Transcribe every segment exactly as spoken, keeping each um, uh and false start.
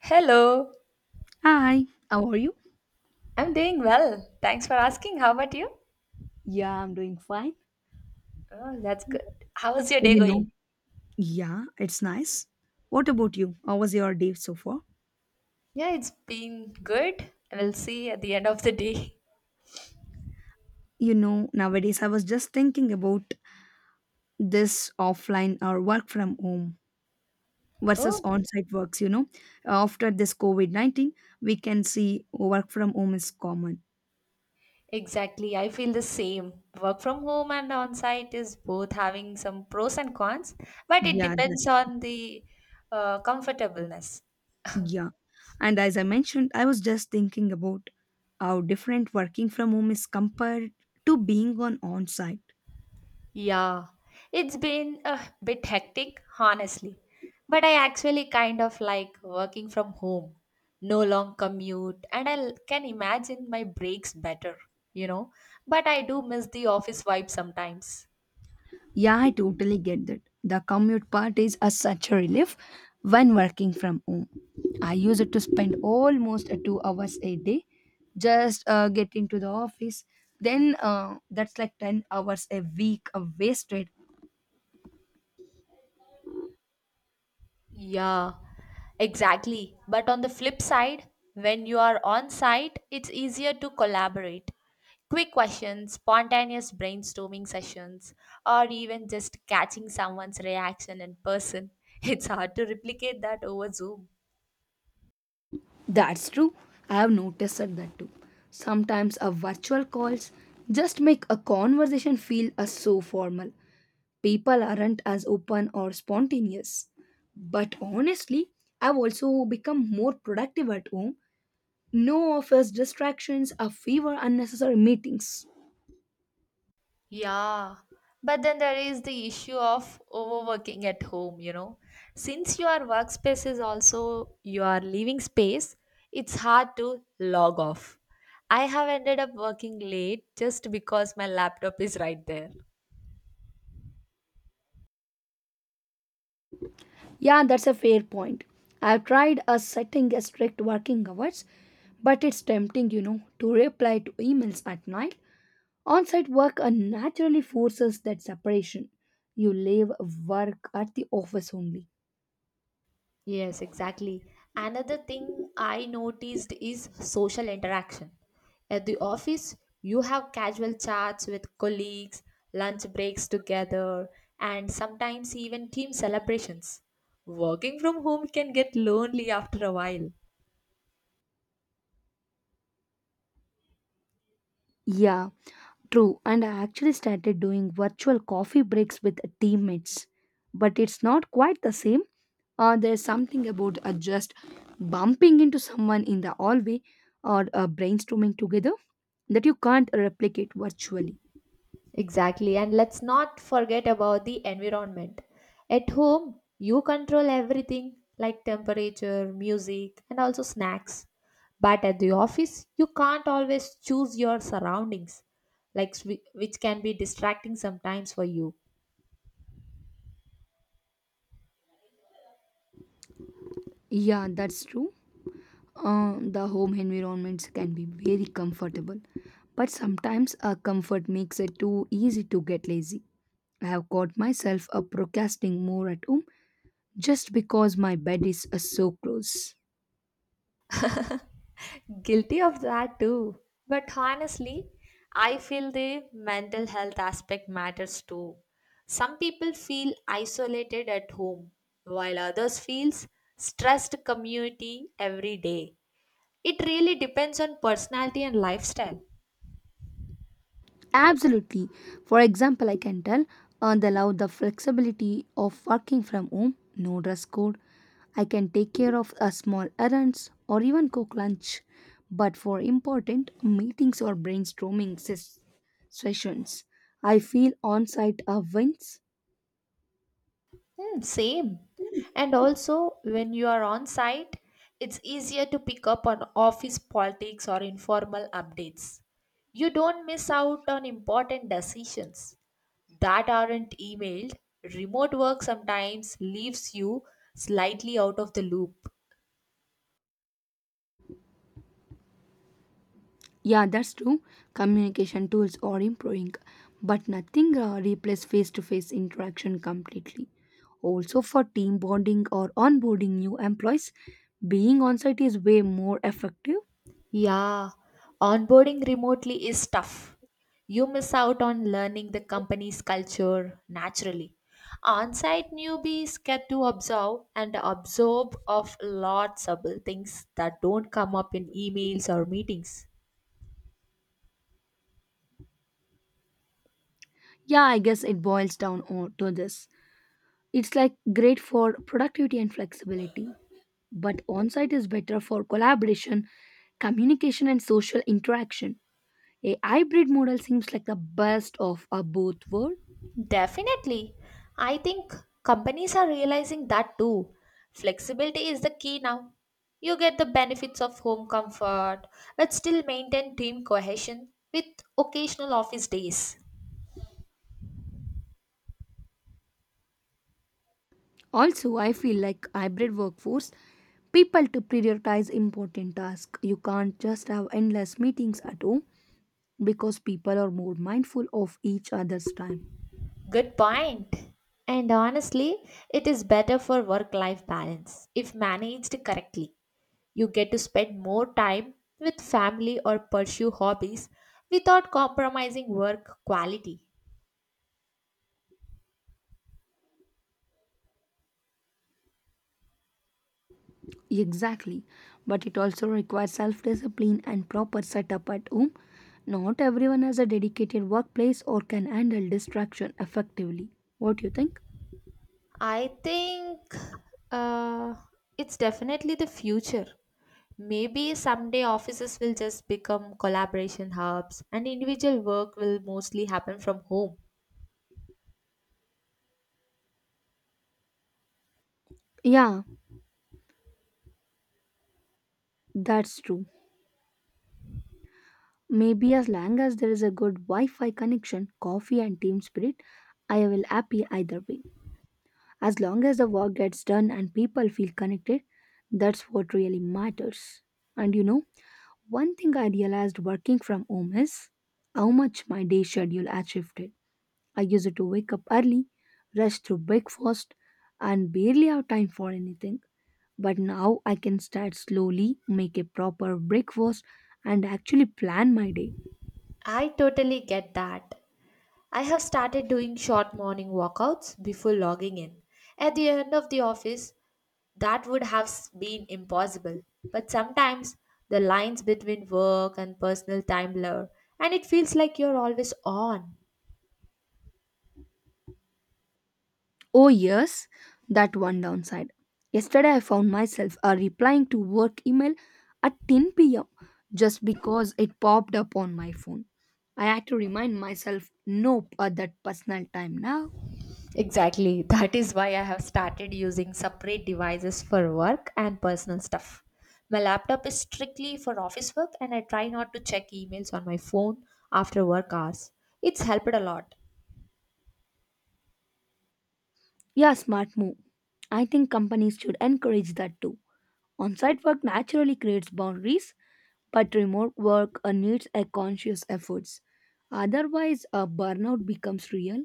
Hello, Hi, how are you? I'm doing well. Thanks for asking. How about you? Yeah, I'm doing fine. Oh, that's good. How is your day You know, going? yeah, it's nice. What about you? How was your day so far? Yeah, it's been good. We'll see at the end of the day. You know, nowadays I was just thinking about this offline or work from home versus Oh, on site works. You know, after this COVID nineteen, we can see work from home is common. exactly. I feel the same. Work from home and on site is both having some pros and cons, but it Yeah, depends that's on the uh, comfortableness. yeah. And as I mentioned, I was just thinking about how different working from home is compared to being on on site. Yeah, it's been a bit hectic, honestly. But I actually kind of like working from home. No long commute, and I l- can imagine my breaks better, you know. But I do miss the office vibe sometimes. Yeah, I totally get that. The commute part is a such a relief when working from home. I use it to spend almost uh, two hours a day just uh, getting to the office. Then uh, that's like ten hours a week of wasted. Yeah, exactly. But on the flip side, when you are on site, it's easier to collaborate. Quick questions, spontaneous brainstorming sessions, or even just catching someone's reaction in person. It's hard to replicate that over Zoom. That's true. I have noticed that that too. Sometimes a virtual calls just make a conversation feel uh, so formal. People aren't as open or spontaneous. But honestly, I've also become more productive at home. No office distractions, a fever, unnecessary meetings. Yeah, but then there is the issue of overworking at home, you know. Since your workspace is also your living space, it's hard to log off. I have ended up working late just because my laptop is right there. Yeah, that's a fair point. I've tried a setting a strict working hours, but it's tempting, you know, to reply to emails at night. On-site work uh, naturally forces that separation. You leave work at the office only. Yes, exactly. Another thing I noticed is social interaction. At the office, you have casual chats with colleagues, lunch breaks together, and sometimes even team celebrations. Working from home can get lonely after a while. Yeah, true. And I actually started doing virtual coffee breaks with teammates. But it's not quite the same. Uh, there's something about uh, just bumping into someone in the hallway or uh, brainstorming together that you can't replicate virtually. Exactly. And let's not forget about the environment. At home, you control everything like temperature, music, and also snacks. But at the office, you can't always choose your surroundings, like swi- which can be distracting sometimes for you. Yeah, that's true. Uh, the home environments can be very comfortable, but sometimes a comfort makes it too easy to get lazy. I have caught myself uh, procrastinating more at home just because my bed is uh, so close. Guilty of that too. But honestly, I feel the mental health aspect matters too. Some people feel isolated at home, while others feels stressed community every day. It really depends on personality and lifestyle. Absolutely. For example, I can tell uh, they allow the flexibility of working from home, no dress code. I can take care of a small errands or even cook lunch. But for important meetings or brainstorming ses- sessions, I feel on site uh, wins. Hmm, same. And also, when you are on site, it's easier to pick up on office politics or informal updates. You don't miss out on important decisions that aren't emailed. Remote work sometimes leaves you slightly out of the loop. Yeah, that's true. Communication tools are improving, but nothing uh, replaces face to face interaction completely. Also, for team bonding or onboarding new employees, being on site is way more effective. Yeah, onboarding remotely is tough. You miss out on learning the company's culture naturally. On-site newbies get to observe and absorb of lots of things that don't come up in emails or meetings. Yeah, I guess it boils down o- to this. It's like great for productivity and flexibility, but on site is better for collaboration, communication, and social interaction. A hybrid model seems like the best of uh, both worlds. Definitely. I think companies are realizing that too. Flexibility is the key now. You get the benefits of home comfort, but still maintain team cohesion with occasional office days. Also, I feel like hybrid workforce, people to prioritize important tasks. You can't just have endless meetings at home because people are more mindful of each other's time. Good point. And honestly, it is better for work life balance if managed correctly. You get to spend more time with family or pursue hobbies without compromising work quality. Exactly. But it also requires self discipline and proper setup at home. Not everyone has a dedicated workplace or can handle distraction effectively. What do you think? I think uh, it's definitely the future. Maybe someday offices will just become collaboration hubs and individual work will mostly happen from home. Yeah, that's true. Maybe as long as there is a good Wi Fi connection, coffee, and team spirit, I will happy either way. As long as the work gets done and people feel connected, that's what really matters. And you know, One thing I realized working from home is how much my day schedule has shifted. I used to wake up early, rush through breakfast, and barely have time for anything. But now I can start slowly, make a proper breakfast, and actually plan my day. I totally get that. I have started doing short morning walkouts before logging in. At the end of the office, that would have s- been impossible. But sometimes the lines between work and personal time blur, and it feels like you're always on. Oh, yes, that one downside. Yesterday, I found myself uh, replying to work email at ten p m just because it popped up on my phone. I had to remind myself, nope, at that personal time now. Exactly. That is why I have started using separate devices for work and personal stuff. My laptop is strictly for office work, and I try not to check emails on my phone after work hours. It's helped a lot. Yeah, smart move. I think companies should encourage that too. On site work naturally creates boundaries, but remote work uh, needs a conscious efforts. Otherwise, a burnout becomes real.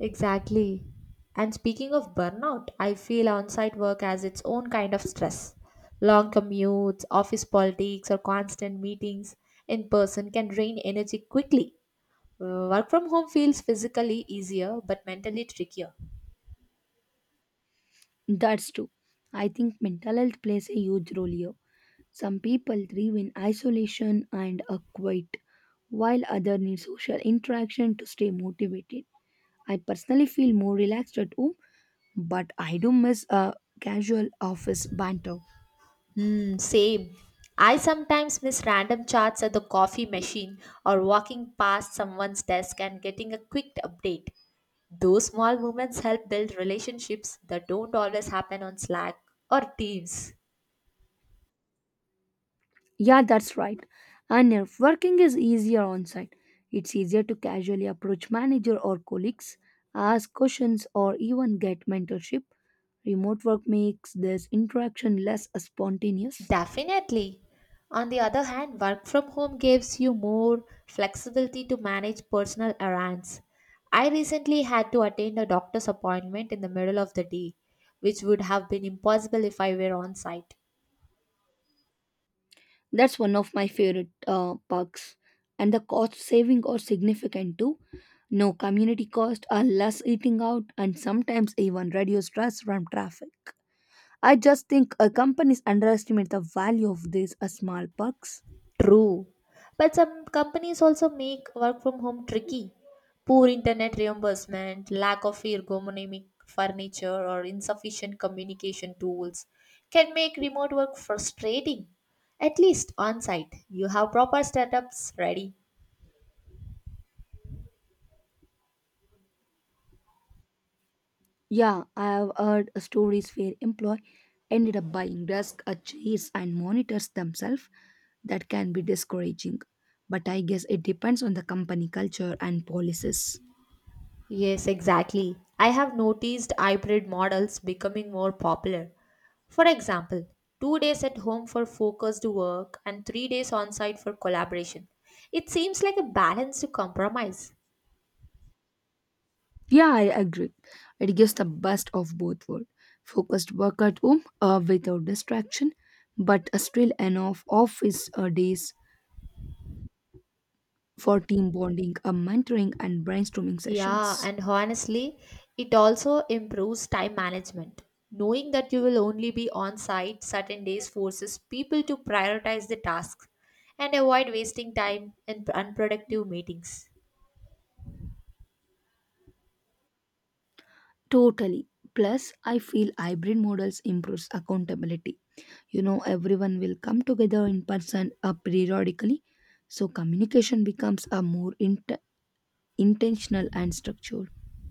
Exactly. And speaking of burnout, I feel on site work has its own kind of stress. Long commutes, office politics, or constant meetings in person can drain energy quickly. Work from home feels physically easier but mentally trickier. That's true. I think mental health plays a huge role here. Some people thrive in isolation and are quiet, while others need social interaction to stay motivated. I personally feel more relaxed at home, but I do miss a casual office banter. Hmm, same. I sometimes miss random chats at the coffee machine or walking past someone's desk and getting a quick update. Those small moments help build relationships that don't always happen on Slack or Teams. Yeah, that's right. And if working is easier on site, it's easier to casually approach manager or colleagues, ask questions, or even get mentorship. Remote work makes this interaction less spontaneous. Definitely. On the other hand, work from home gives you more flexibility to manage personal errands. I recently had to attend a doctor's appointment in the middle of the day, which would have been impossible if I were on site. That's one of my favorite uh, perks. And the cost saving are significant too. No community cost, or less eating out, and sometimes even reduce stress from traffic. I just think uh, companies underestimate the value of these uh, small perks. True. But some companies also make work from home tricky. Poor internet reimbursement, lack of ergonomic furniture, or insufficient communication tools can make remote work frustrating. At least on site, you have proper setups ready. Yeah, I have heard uh, stories where employee ended up buying desk, uh, chairs, and monitors themselves. That can be discouraging, but I guess it depends on the company culture and policies. Yes, exactly. I have noticed hybrid models becoming more popular. For example, two days at home for focused work and three days on site for collaboration. It seems like a balanced compromise. Yeah, I agree. It gives the best of both worlds. Focused work at home uh, without distraction, but still enough office uh, days for team bonding, uh, mentoring, and brainstorming Yeah, sessions. and honestly, it also improves time management. Knowing that you will only be on site certain days forces people to prioritize the tasks and avoid wasting time in unproductive meetings. Totally. Plus, I feel hybrid models improves accountability. You know, everyone will come together in person uh, periodically, so communication becomes a more int- intentional and structured.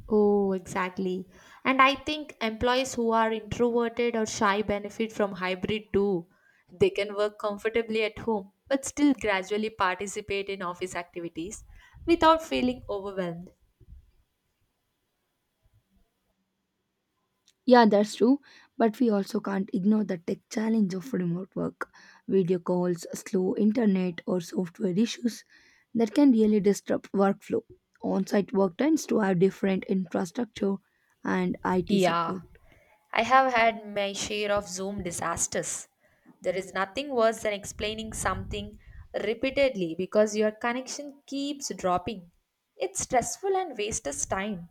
Oh, exactly. And I think employees who are introverted or shy benefit from hybrid too. They can work comfortably at home, but still gradually participate in office activities without feeling overwhelmed. Yeah, that's true. But we also can't ignore the tech challenge of remote work, video calls, slow internet, or software issues that can really disrupt workflow. On site work tends to have different infrastructure and I T Yeah, support. I have had my share of Zoom disasters. There is nothing worse than explaining something repeatedly because your connection keeps dropping. It's stressful and wastes time.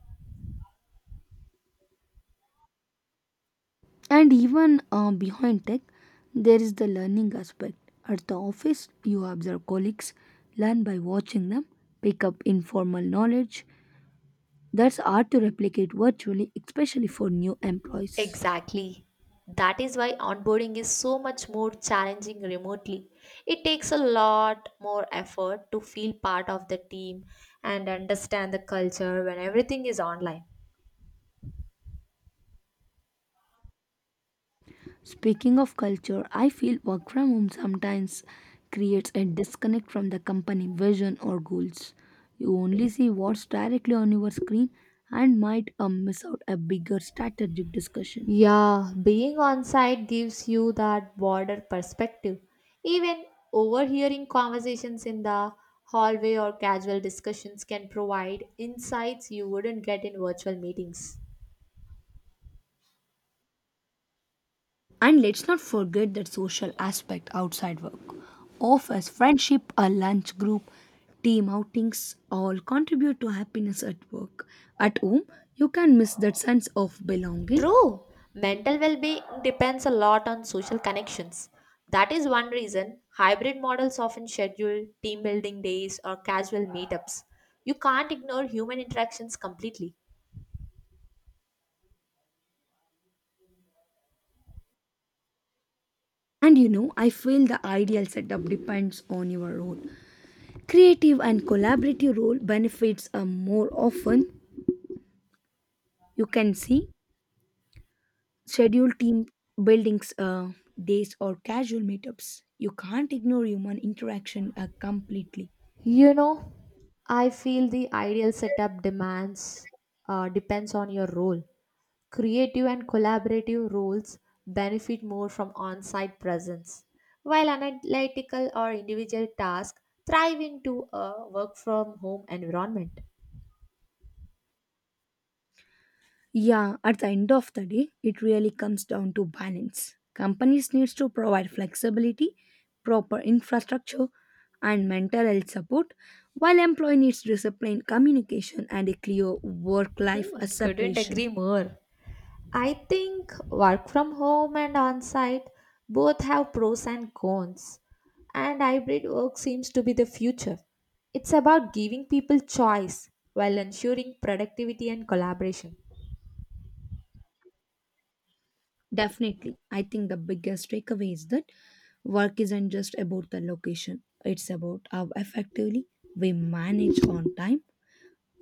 And even uh, behind tech, there is the learning aspect. At the office, you observe colleagues, learn by watching them, pick up informal knowledge that's hard to replicate virtually, especially for new employees. Exactly. That is why onboarding is so much more challenging remotely. It takes a lot more effort to feel part of the team and understand the culture when everything is online. Speaking of culture, I feel work from home sometimes creates a disconnect from the company vision or goals. You only see what's directly on your screen and might uh, miss out a bigger strategic discussion. Yeah, being on site gives you that broader perspective. Even overhearing conversations in the hallway or casual discussions can provide insights you wouldn't get in virtual meetings. And let's not forget that social aspect outside work. Office, friendship, a lunch group, team outings all contribute to happiness at work. At home, you can miss that sense of belonging. True. Mental well being depends a lot on social connections. That is one reason hybrid models often schedule team building days or casual meetups. You can't ignore human interactions completely. And you know, I feel the ideal setup depends on your role. Creative and collaborative role benefits are more often. You can see schedule team buildings, uh, days, or casual meetups. You can't ignore human interaction uh, completely. You know, I feel the ideal setup demands uh, depends on your role. Creative and collaborative roles benefit more from on site presence, while analytical or individual tasks thrive into a work from home environment. Yeah, at the end of the day, it really comes down to balance. Companies needs to provide flexibility, proper infrastructure, and mental health support, while employee needs discipline, communication, and a clear work-life Hmm, couldn't separation. agree more. I think work from home and on site both have pros and cons, and hybrid work seems to be the future. It's about giving people choice while ensuring productivity and collaboration. Definitely, I think the biggest takeaway is that work isn't just about the location; it's about how effectively we manage on time,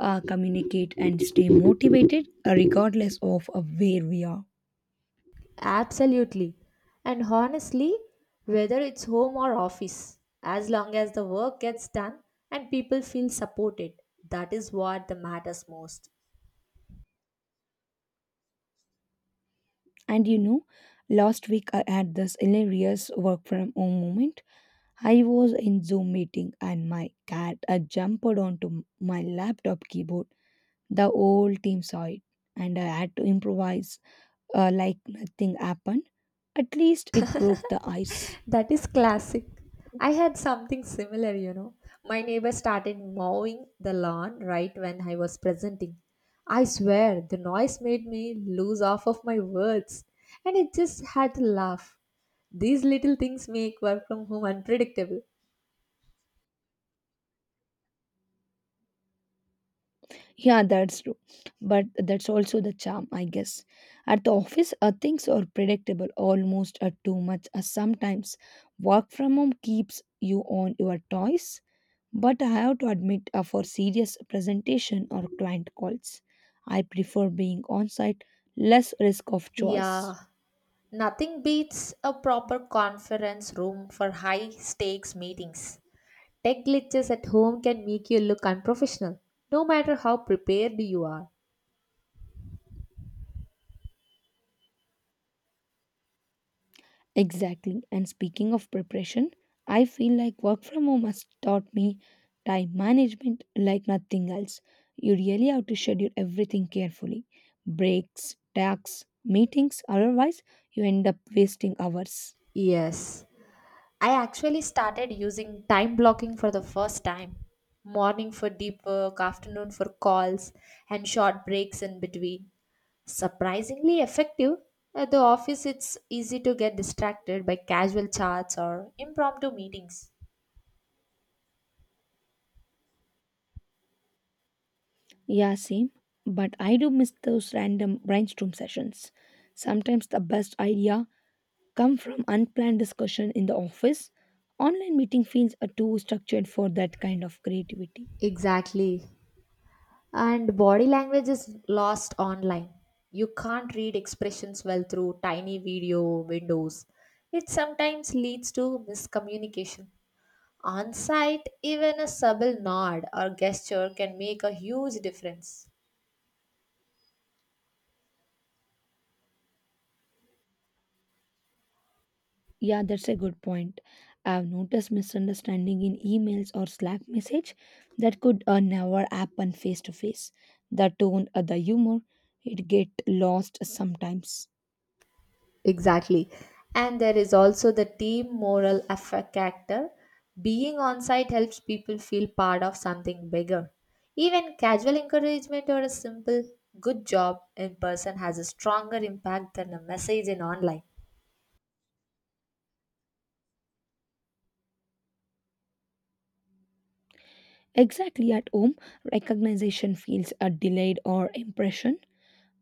uh, communicate, and stay motivated, uh, regardless of uh, where we are. Absolutely. And honestly, whether it's home or office, as long as the work gets done and people feel supported, that is what the matters most. And you know, Last week I had this hilarious work from home moment. I was in Zoom meeting and my cat uh, jumped onto m- my laptop keyboard. The whole team saw it, and I had to improvise uh, like nothing happened. At least it broke the ice. That is classic. I had something similar, you know. My neighbor started mowing the lawn right when I was presenting. I swear, the noise made me lose half of my words, and I just had to laugh. These little things make work from home unpredictable. Yeah, that's true. But that's also the charm, I guess. At the office, uh, things are predictable almost uh, too much. Uh, sometimes work from home keeps you on your toes. But I have to admit, uh, for serious presentation or client calls, I prefer being on site, less risk of choice. Yeah, nothing beats a proper conference room for high stakes meetings. Tech glitches at home can make you look unprofessional, no matter how prepared you are. Exactly. And speaking of preparation, I feel like work from home has taught me time management like nothing else. You really have to schedule everything carefully breaks, tasks, meetings, otherwise, you end up wasting hours. Yes, I actually started using time blocking for the first time. Morning for deep work, afternoon for calls, and short breaks in between. Surprisingly effective. At the office, it's easy to get distracted by casual chats or impromptu meetings. Yeah, same. But I do miss those random brainstorm sessions. Sometimes the best idea come from unplanned discussion in the office. Online meeting feels are too structured for that kind of creativity. Exactly. And body language is lost online. You can't read expressions well through tiny video windows. It sometimes leads to miscommunication. On site, even a subtle nod or gesture can make a huge difference. Yeah, that's a good point. I've noticed misunderstanding in emails or Slack message that could uh, never happen face to face. The tone, uh, the humor, it get lost sometimes. Exactly. And there is also the team moral affect factor. Being on site helps people feel part of something bigger. Even casual encouragement or a simple good job in person has a stronger impact than a message in online. Exactly at home, recognition feels a delayed or impression.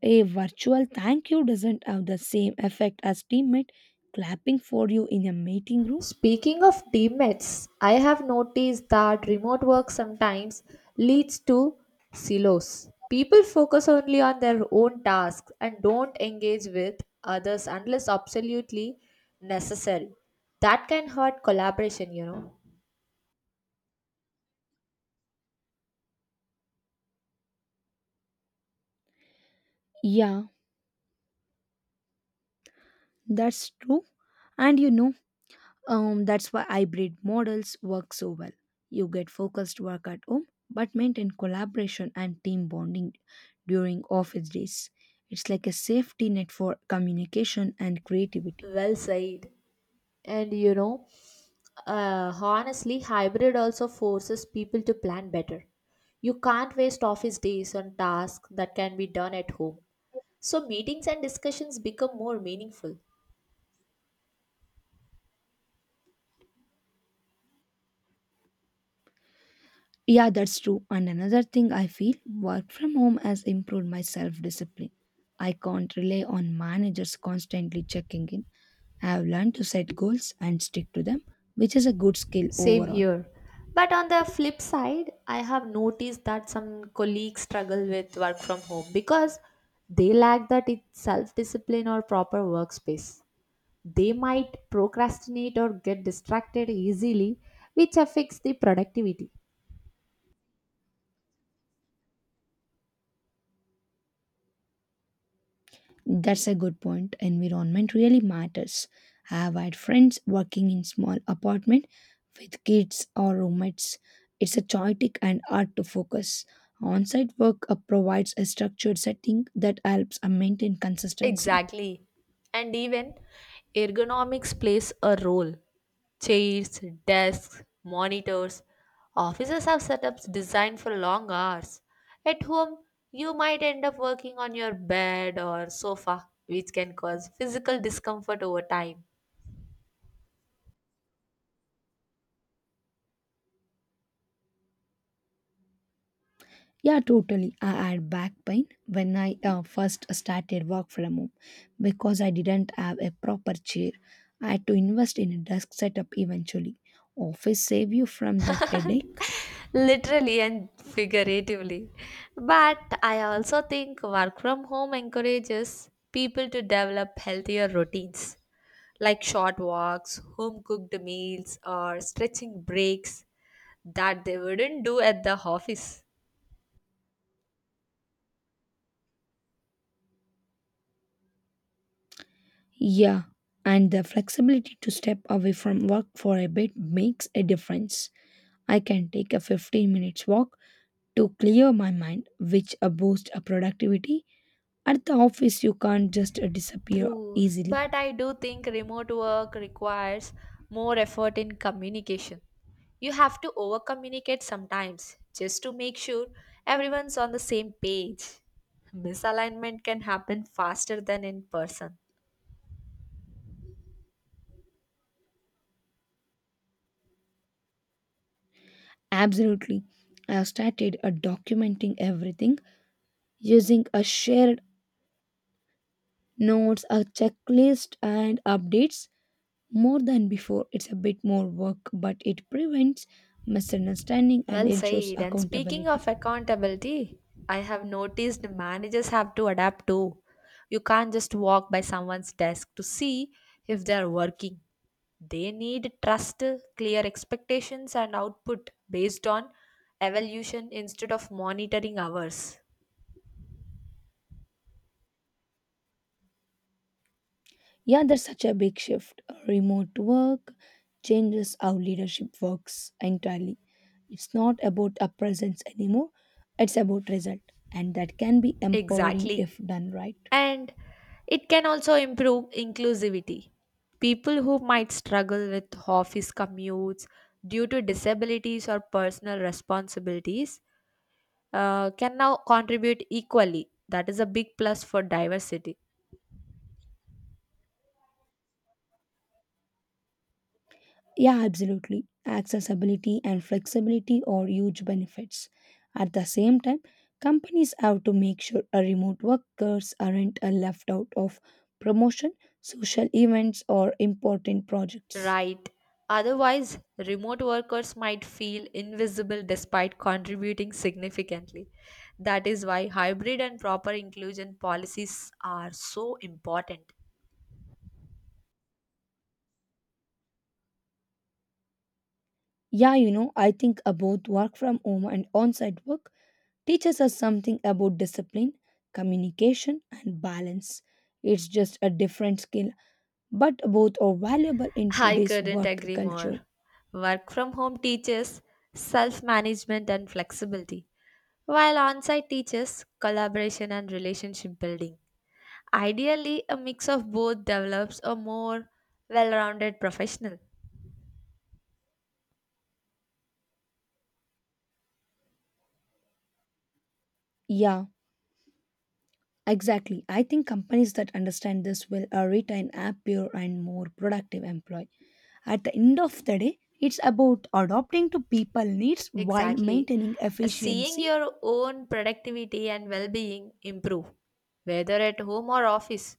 A virtual thank you doesn't have the same effect as teammate clapping for you in a meeting room. Speaking of teammates, I have noticed that remote work sometimes leads to silos. People focus only on their own tasks and don't engage with others unless absolutely necessary. That can hurt collaboration, you know. Yeah, that's true. And you know, um, that's why hybrid models work so well. You get focused work at home, but maintain collaboration and team bonding during office days. It's like a safety net for communication and creativity. Well said. And you know, uh, honestly, hybrid also forces people to plan better. You can't waste office days on tasks that can be done at home, so meetings and discussions become more meaningful. Yeah, that's true. And another thing I feel work from home has improved my self discipline. I can't rely on managers constantly checking in. I have learned to set goals and stick to them, which is a good skill Same overall. here. But on the flip side, I have noticed that some colleagues struggle with work from home because they lack that self discipline or proper workspace. They might procrastinate or get distracted easily, which affects the productivity. That's a good point. Environment really matters. I have had friends working in small apartment with kids or roommates. It's a chaotic and hard to focus. On-site work uh, provides a structured setting that helps uh, maintain consistency. Exactly. And even ergonomics plays a role. Chairs, desks, monitors. Offices have setups designed for long hours. At home, you might end up working on your bed or sofa, which can cause physical discomfort over time, Yeah, totally. I had back pain when I uh, first started work from home because I didn't have a proper chair. I had to invest in a desk setup eventually. Office save you from that headache. literally and figuratively. But I also think work from home encourages people to develop healthier routines like short walks, home cooked meals, or stretching breaks that they wouldn't do at the office. Yeah, and the flexibility to step away from work for a bit makes a difference. I can take a fifteen minutes walk to clear my mind, which uh, boosts uh, productivity. At the office, you can't just uh, disappear True, easily. but I do think remote work requires more effort in communication. You have to over communicate sometimes just to make sure everyone's on the same page. Misalignment can happen faster than in person. Absolutely. I have started uh, documenting everything using a shared notes, a checklist, and updates more than before. It's a bit more work, but it prevents misunderstanding and Well ensures said. And speaking accountability. of accountability, I have noticed managers have to adapt too. You can't just walk by someone's desk to see if they are working. They need trust, clear expectations, and output based on evaluation instead of monitoring hours. Yeah, there's such a big shift. Remote work changes how leadership works entirely. It's not about a presence anymore, it's about result. And that can be empowering Exactly. if done right. And it can also improve inclusivity. People who might struggle with office commutes due to disabilities or personal responsibilities uh, can now contribute equally. That is a big plus for diversity. Yeah, absolutely. Accessibility and flexibility are huge benefits. At the same time, companies have to make sure a remote workers aren't a left out of promotion, social events, or important projects. Right. Otherwise, remote workers might feel invisible despite contributing significantly. That is why hybrid and proper inclusion policies are so important. Yeah, you know, I think uh, both work from home and on site work teaches us something about discipline, communication, and balance. It's just a different skill, but both are valuable in I today's couldn't work agree culture. more. Work from home teaches self management and flexibility, while on site teaches collaboration and relationship building. Ideally, a mix of both develops a more well rounded professional. Yeah, exactly. I think companies that understand this will uh, retain happier and more productive employee. At the end of the day, it's about adapting to people needs while Exactly. maintaining Seeing efficiency. your own productivity and well being improve, whether at home or office,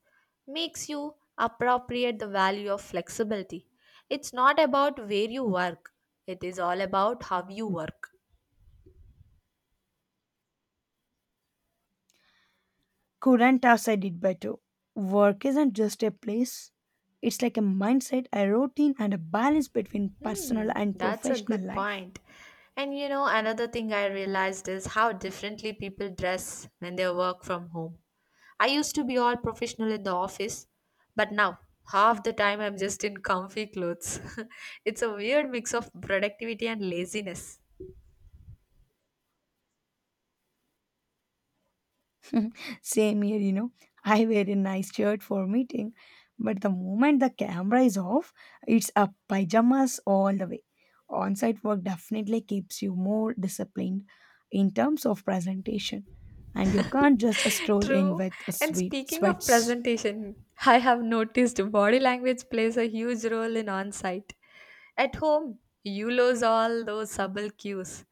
makes you appropriate the value of flexibility. It's not about where you work, it is all about how you work. Couldn't have said it better. Work isn't just a place, it's like a mindset, a routine, and a balance between personal Hmm, and that's a professional good life. point. And you know, another thing I realized is how differently people dress when they work from home. I used to be all professional in the office, but now half the time I'm just in comfy clothes. It's a weird mix of productivity and laziness. Same here, you know. I wear a nice shirt for meeting, but the moment the camera is off, it's a pajamas all the way. On site work definitely keeps you more disciplined in terms of presentation, and you can't just stroll in True. with a And sweet speaking of sweats. presentation, I have noticed body language plays a huge role in on site. At home, you lose all those subtle cues.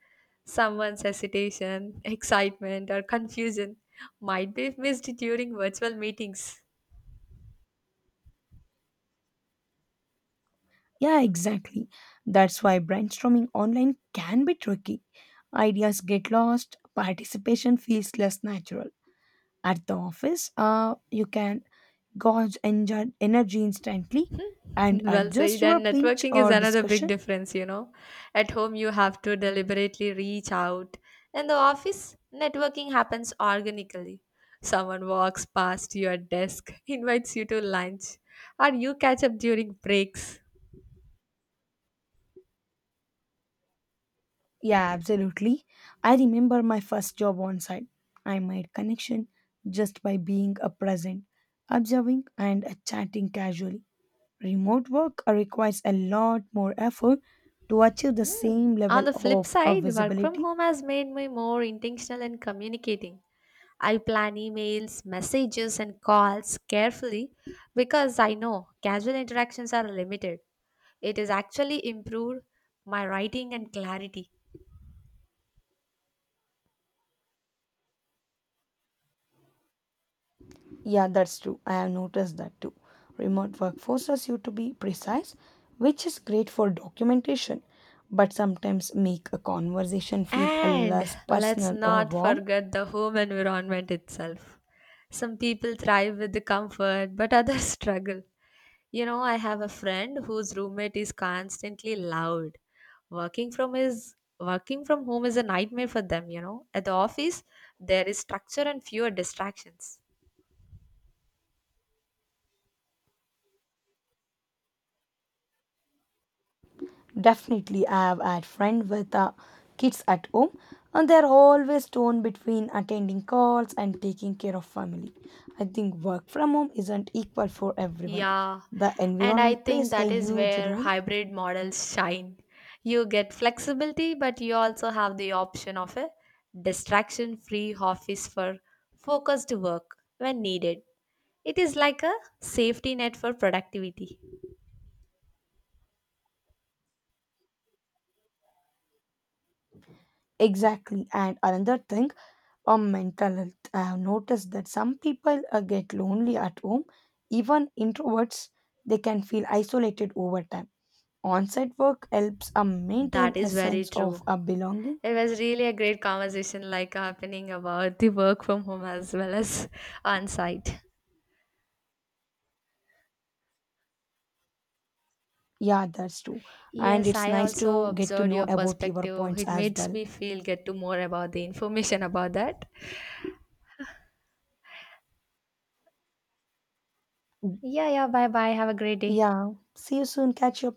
Someone's hesitation, excitement, or confusion might be missed during virtual meetings. Yeah, exactly. That's why brainstorming online can be tricky. Ideas get lost, participation feels less natural. At the office, uh, you can gauge engi- energy instantly and Well adjust said, your and pinch networking is or another big discussion. difference, you know. At home, you have to deliberately reach out. In the office, networking happens organically. Someone walks past your desk, invites you to lunch, or you catch up during breaks. Yeah, absolutely. I remember my first job on site. I made connection just by being a present, observing and uh, chatting casually. Remote work requires a lot more effort to achieve the Mm. same On level the flip of uh, side, work from visibility. home has made me more intentional in communicating. I plan emails, messages, and calls carefully because I know casual interactions are limited. It has actually improved my writing and clarity. Yeah, that's true. I have noticed that too. Remote work forces you to be precise, which is great for documentation, but sometimes make a conversation feel uh, And less let's personal or not warm. forget the home environment itself. Some people thrive with the comfort, but others struggle. You know, I have a friend whose roommate is constantly loud. Working from his working from home is a nightmare for them, you know. At the office, there is structure and fewer distractions. Definitely, I have had friends with uh, kids at home, and they're always torn between attending calls and taking care of family. I think work from home isn't equal for everyone. Yeah, The and I environment think plays a that is huge where role. hybrid models shine. You get flexibility, but you also have the option of a distraction free office for focused work when needed. It is like a safety net for productivity. Exactly, and another thing on mental health, I have noticed that some people uh, get lonely at home. Even introverts, they can feel isolated over time. On-site work helps uh, maintain That a is very sense true. of uh, belonging. It was really a great conversation, like happening about the work from home as well as on site. Yeah, that's true. And Yes, it's I nice also to get to observed know your about your perspective. points It as makes well. me feel get to more about the information about that. Yeah, yeah. Bye, bye. Have a great day. Yeah. See you soon. Catch you up